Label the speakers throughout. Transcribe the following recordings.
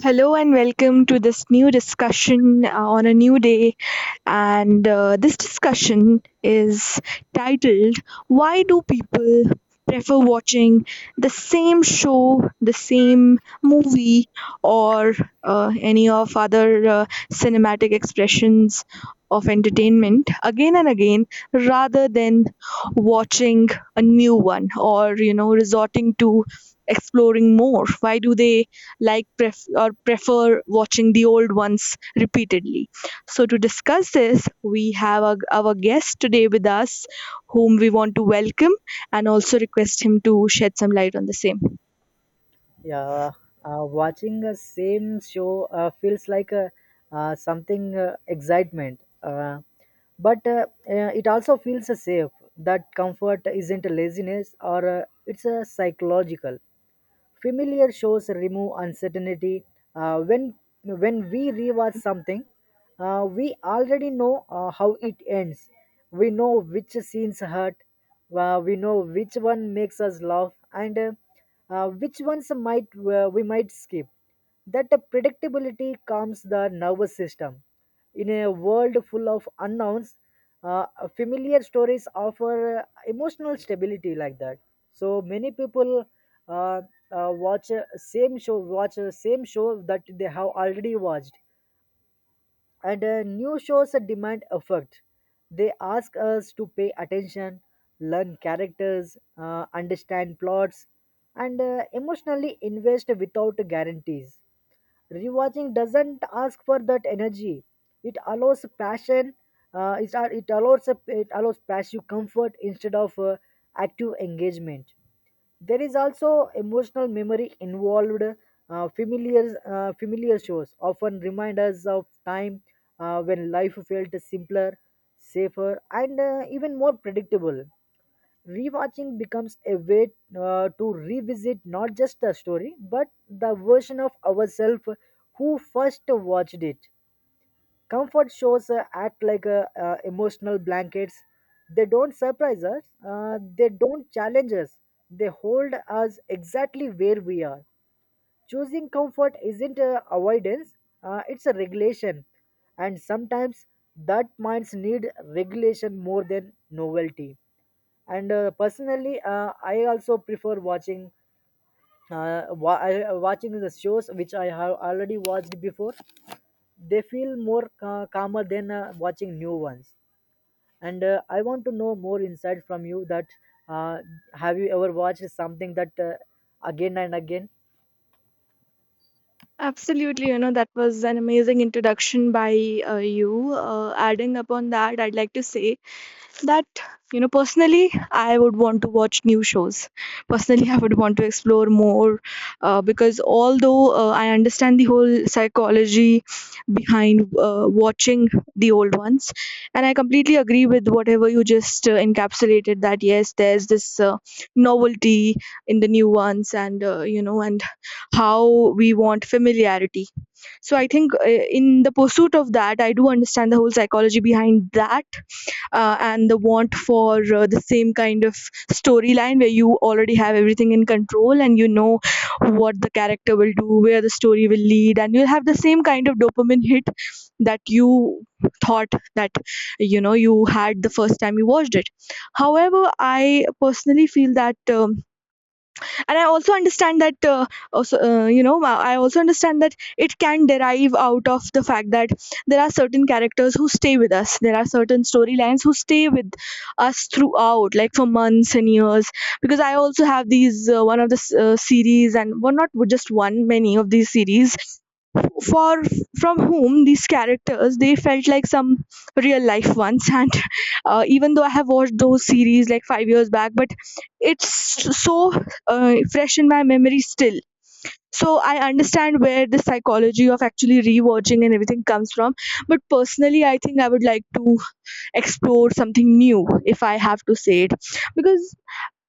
Speaker 1: Hello and welcome to this new discussion on a new day, and this discussion is titled Why Do People Prefer Watching the Same Show, the Same Movie, or any of other cinematic expressions of entertainment again and again, rather than watching a new one or resorting to exploring more. Why do they like pref- or prefer watching the old ones repeatedly? So, to discuss this, we have our guest today with us, whom we want to welcome and also request him to shed some light on the same.
Speaker 2: Yeah, watching the same show feels like something excitement, but it also feels safe. That comfort isn't a laziness, or it's a psychological. Familiar shows remove uncertainty. Uh, when when we rewatch something, we already know how it ends. We know which scenes hurt. We know which one makes us laugh, and which ones might we might skip. That predictability calms the nervous system. In a world full of unknowns, uh, familiar stories offer emotional stability like that. So many people uh, watch a same show that they have already watched, and new shows demand effort. They ask us to pay attention, learn characters, understand plots, and emotionally invest without guarantees. Rewatching doesn't ask for that energy. It allows passion. It allows passive comfort instead of active engagement. There is also emotional memory involved. Familiar shows often remind us of time when life felt simpler, safer, and even more predictable. Rewatching becomes a way to revisit not just the story but the version of ourselves who first watched it. Comfort shows act like emotional blankets. They don't surprise us, they don't challenge us, they hold us exactly where we are. Choosing comfort isn't avoidance, it's a regulation. And sometimes that minds need regulation more than novelty. And personally, I also prefer watching, watching the shows which I have already watched before. They feel more calmer than watching new ones, and I want to know more insight from you that, uh, have you ever watched something that, again and again?
Speaker 1: Absolutely, you know, that was an amazing introduction by you. Adding upon that, I'd like to say that, you know, personally I would want to watch new shows, personally I would want to explore more, because although I understand the whole psychology behind watching the old ones, and I completely agree with whatever you just encapsulated, that yes, there's this novelty in the new ones, and and how we want familiarity. So I think, in the pursuit of that, I do understand the whole psychology behind that, and the want for the same kind of storyline where you already have everything in control, and you know what the character will do, where the story will lead, and you'll have the same kind of dopamine hit that you thought that, you know, you had the first time you watched it. However, I personally feel that. And I also understand that, also you know I also understand that it can derive out of the fact that there are certain characters who stay with us, there are certain storylines who stay with us throughout, like for months and years, because I also have these one of the series, and well, not just one, many of these series, for from whom these characters, they felt like some real life ones, and even though I have watched those series like 5 years back, but it's so fresh in my memory still. So I understand where the psychology of actually rewatching and everything comes from, but personally I think I would like to explore something new, if I have to say it, because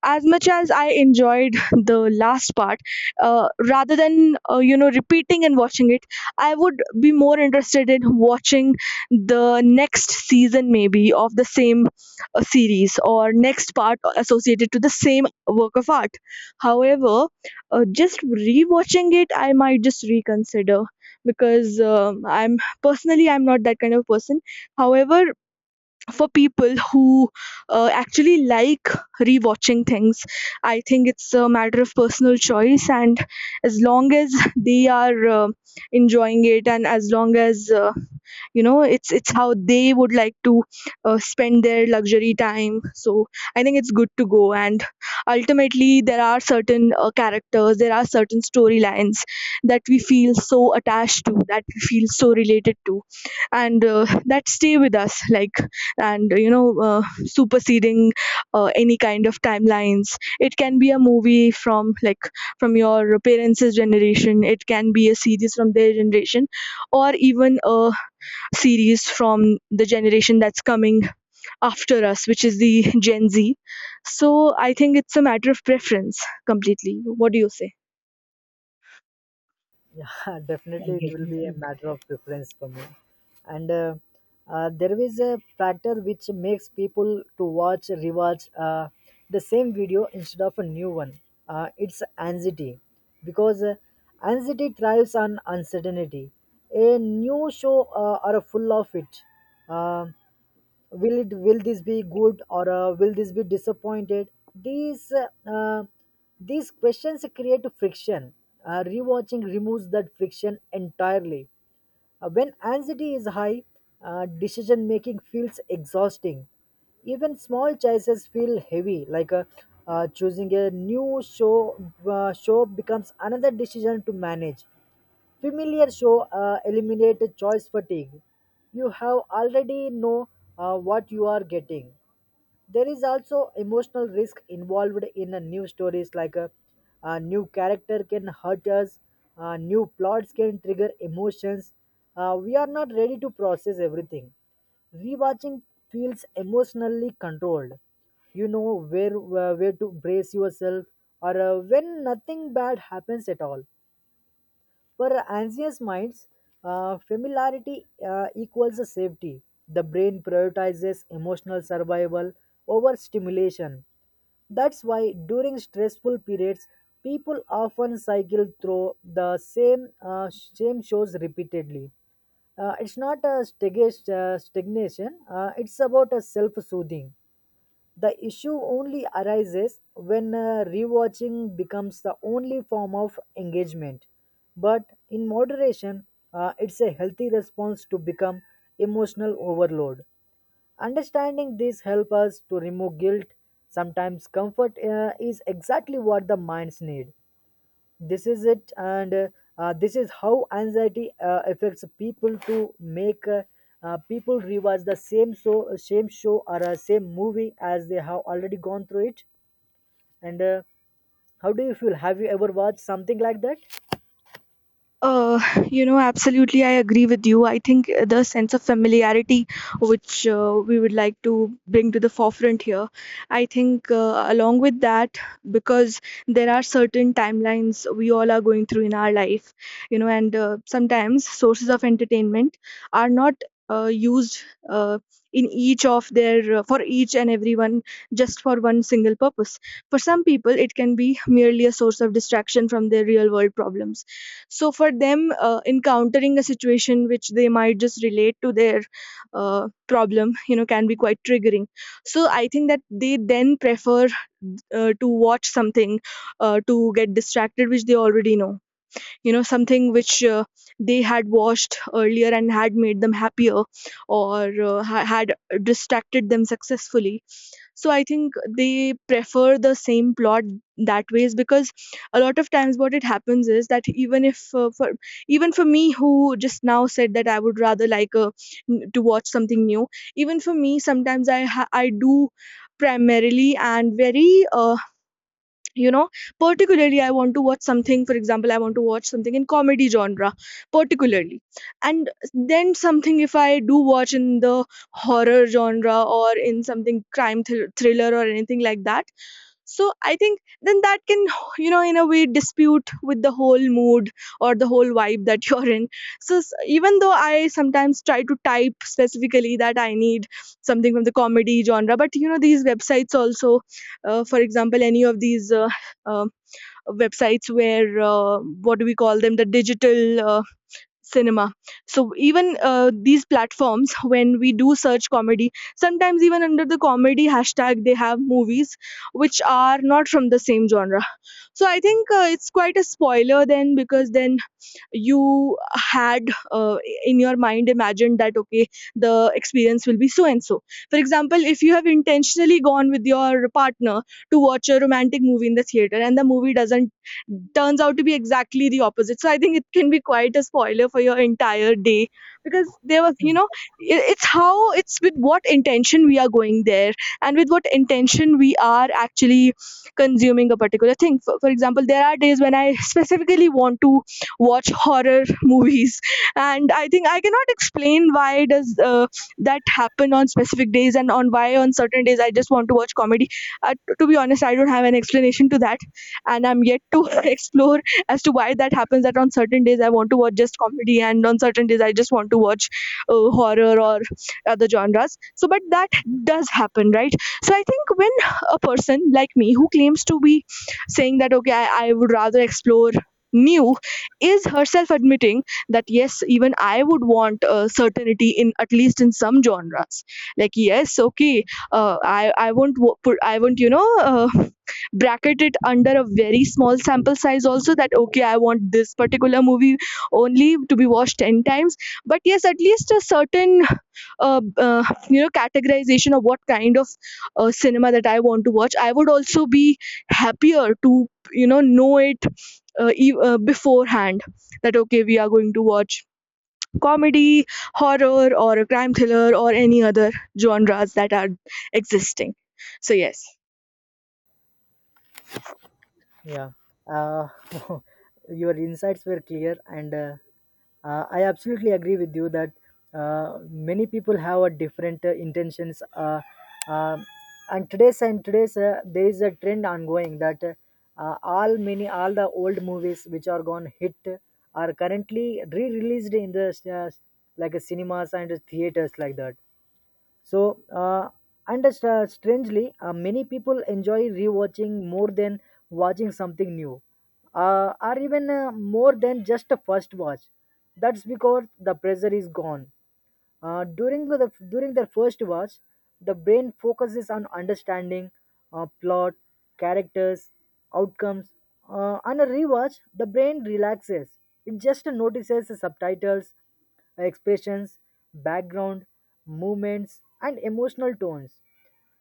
Speaker 1: as much as I enjoyed the last part, rather than, repeating and watching it, I would be more interested in watching the next season maybe of the same series, or next part associated to the same work of art. However, just rewatching it, I might just reconsider, because I'm personally, I'm not that kind of person. However, for people who actually like rewatching things, I think it's a matter of personal choice, and as long as they are enjoying it, and as long as, it's how they would like to spend their luxury time, so I think it's good to go. And ultimately, there are certain characters, there are certain storylines that we feel so attached to, that we feel so related to, and that stay with us, like, and superseding any kind of timelines. It can be a movie from, like, from your parents' generation, it can be a series from their generation, or even a series from the generation that's coming after us, which is the Gen Z. So I think it's a matter of preference completely. What do you say?
Speaker 2: Yeah, definitely it will be a matter of preference for me. And there is a factor which makes people to watch, rewatch the same video instead of a new one. It's anxiety, because anxiety thrives on uncertainty. A new show are full of it. Um will it, will this be good, or will this be disappointed? These these questions create friction. Rewatching removes that friction entirely. When anxiety is high, decision making feels exhausting. Even small choices feel heavy, like choosing a new show becomes another decision to manage. Familiar show eliminated choice fatigue. You have already know what you are getting. There is also emotional risk involved in a new stories, like a new character can hurt us. New plots can trigger emotions. We are not ready to process everything. Rewatching feels emotionally controlled, you know where to brace yourself, or when nothing bad happens at all. For anxious minds, familiarity equals a safety. The brain prioritizes emotional survival over stimulation. That's why during stressful periods, people often cycle through the same shows repeatedly. It's not a stagnation. It's about a self-soothing. The issue only arises when rewatching becomes the only form of engagement. But in moderation, it's a healthy response to become emotional overload. Understanding this helps us to remove guilt. Sometimes comfort is exactly what the minds need. This is it, and this is how anxiety affects people to make people rewatch the same show, or same movie as they have already gone through it. And how do you feel? Have you ever watched something like that?
Speaker 1: Uh, you know, absolutely, I agree with you. I think the sense of familiarity, which we would like to bring to the forefront here, I think along with that, because there are certain timelines we all are going through in our life, you know, and sometimes sources of entertainment are not used, uh, in each of their, for each and everyone, just for one single purpose. For some people, it can be merely a source of distraction from their real world problems, so for them, encountering a situation which they might just relate to their problem, you know, can be quite triggering. So I think that they then prefer to watch something to get distracted, which they already know, you know, something which they had watched earlier and had made them happier, or had distracted them successfully. So I think they prefer the same plot that ways, because a lot of times what it happens is that, even if for even for me, who just now said that I would rather like, to watch something new, even for me sometimes I do primarily, and very you know particularly, I want to watch something, for example I want to watch something in comedy genre particularly, and then something if I do watch in the horror genre, or in something crime thriller or anything like that, so I think then that can, you know, in a way dispute with the whole mood or the whole vibe that you're in. So even though I sometimes try to type specifically that I need something from the comedy genre, but you know, these websites also, for example, any of these uh, websites where, what do we call them, the digital. Cinema. So even these platforms, when we do search comedy, sometimes even under the comedy hashtag they have movies which are not from the same genre. So I think it's quite a spoiler then, because then you had uh, in your mind imagined that, okay, the experience will be so and so. For example, if you have intentionally gone with your partner to watch a romantic movie in the theater, and the movie doesn't turns out to be exactly the opposite, so I think it can be quite a spoiler for your entire day, because there was, you know, it's how it's, with what intention we are going there, and with what intention we are actually consuming a particular thing. For example, there are days when I specifically want to watch horror movies, and I think I cannot explain why does that happen on specific days, and on why on certain days I just want to watch comedy. To be honest, I don't have an explanation to that, and I'm yet to explore as to why that happens, that on certain days I want to watch just comedy, and on certain days I just want to watch horror or other genres. So but that does happen, right? So I think when a person like me who claims to be saying that, okay, I would rather explore new, is herself admitting that yes, even I would want certainty in at least in some genres, like yes, okay, I won't, bracket it under a very small sample size also, that okay, I want this particular movie only to be watched 10 times, but yes, at least a certain uh, uh, categorization of what kind of cinema that I want to watch, I would also be happier to, know it beforehand, that okay, we are going to watch comedy, horror, or a crime thriller, or any other genres that are existing. So yes.
Speaker 2: Yeah, uh, your insights were clear, and I absolutely agree with you that many people have a different intentions. Um and today's there is a trend ongoing that all many all the old movies which are gone hit are currently re-released in the uh, like a cinemas and theaters like that. So, and strangely, many people enjoy rewatching more than watching something new, or even more than just a first watch. That's because the pressure is gone. During the during their first watch, the brain focuses on understanding plot, characters, outcomes. On a rewatch, the brain relaxes. It just notices the subtitles, expressions, background, movements, and emotional tones.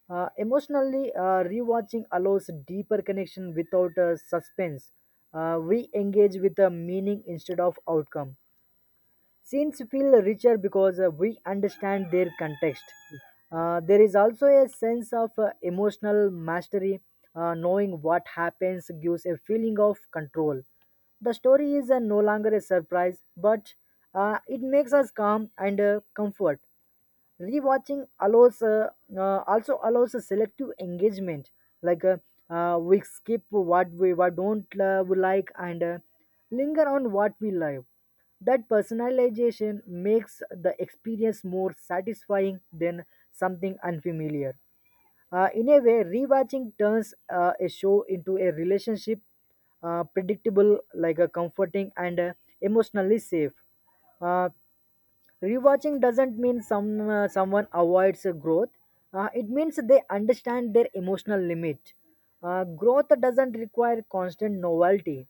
Speaker 2: Emotionally, rewatching allows deeper connection without suspense. We engage with the meaning instead of outcome. Scenes feel richer because we understand their context. There is also a sense of emotional mastery. Knowing what happens gives a feeling of control. The story is no longer a surprise, but it makes us calm and comfort. Rewatching allows also allows a selective engagement, like we skip what don't we like, and linger on what we love. That personalization makes the experience more satisfying than something unfamiliar. In a way, rewatching turns a show into a relationship, predictable, like a comforting and emotionally safe. Uh, Rewatching doesn't mean someone avoids growth. It means they understand their emotional limit. Growth doesn't require constant novelty.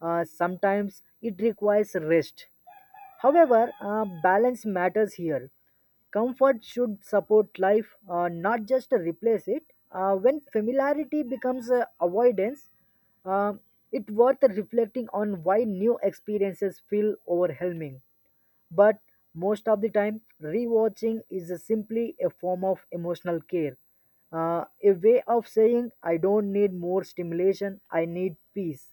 Speaker 2: Sometimes it requires rest. However, balance matters here. Comfort should support life, not just replace it. When familiarity becomes avoidance, uh, it's worth reflecting on why new experiences feel overwhelming, but most of the time rewatching is a simply a form of emotional care, a way of saying I don't need more stimulation, I need peace.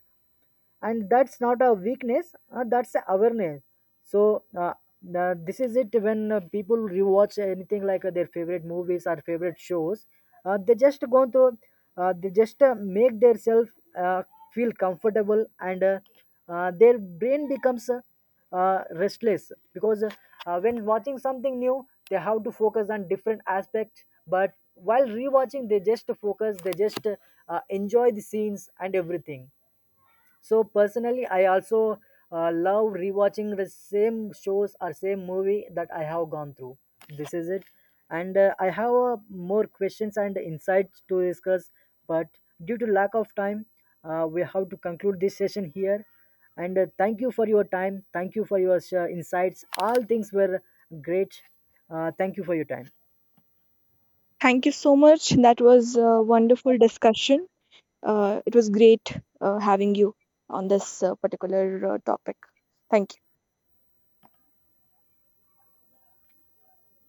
Speaker 2: And that's not a weakness, that's a awareness. So this is it. When people rewatch anything, like their favorite movies or favorite shows, they just go through, they just make themselves uh, feel comfortable, and their brain becomes restless, because when watching something new they have to focus on different aspects, but while rewatching they just enjoy the scenes and everything. So personally I also love rewatching the same shows or same movie that I have gone through. This is it. And I have more questions and insights to discuss, but due to lack of time, we have to conclude this session here. And thank you for your time, thank you for your insights, all things were great. Thank you for your time.
Speaker 1: Thank you so much, that was a wonderful discussion. It was great having you on this particular topic. Thank you.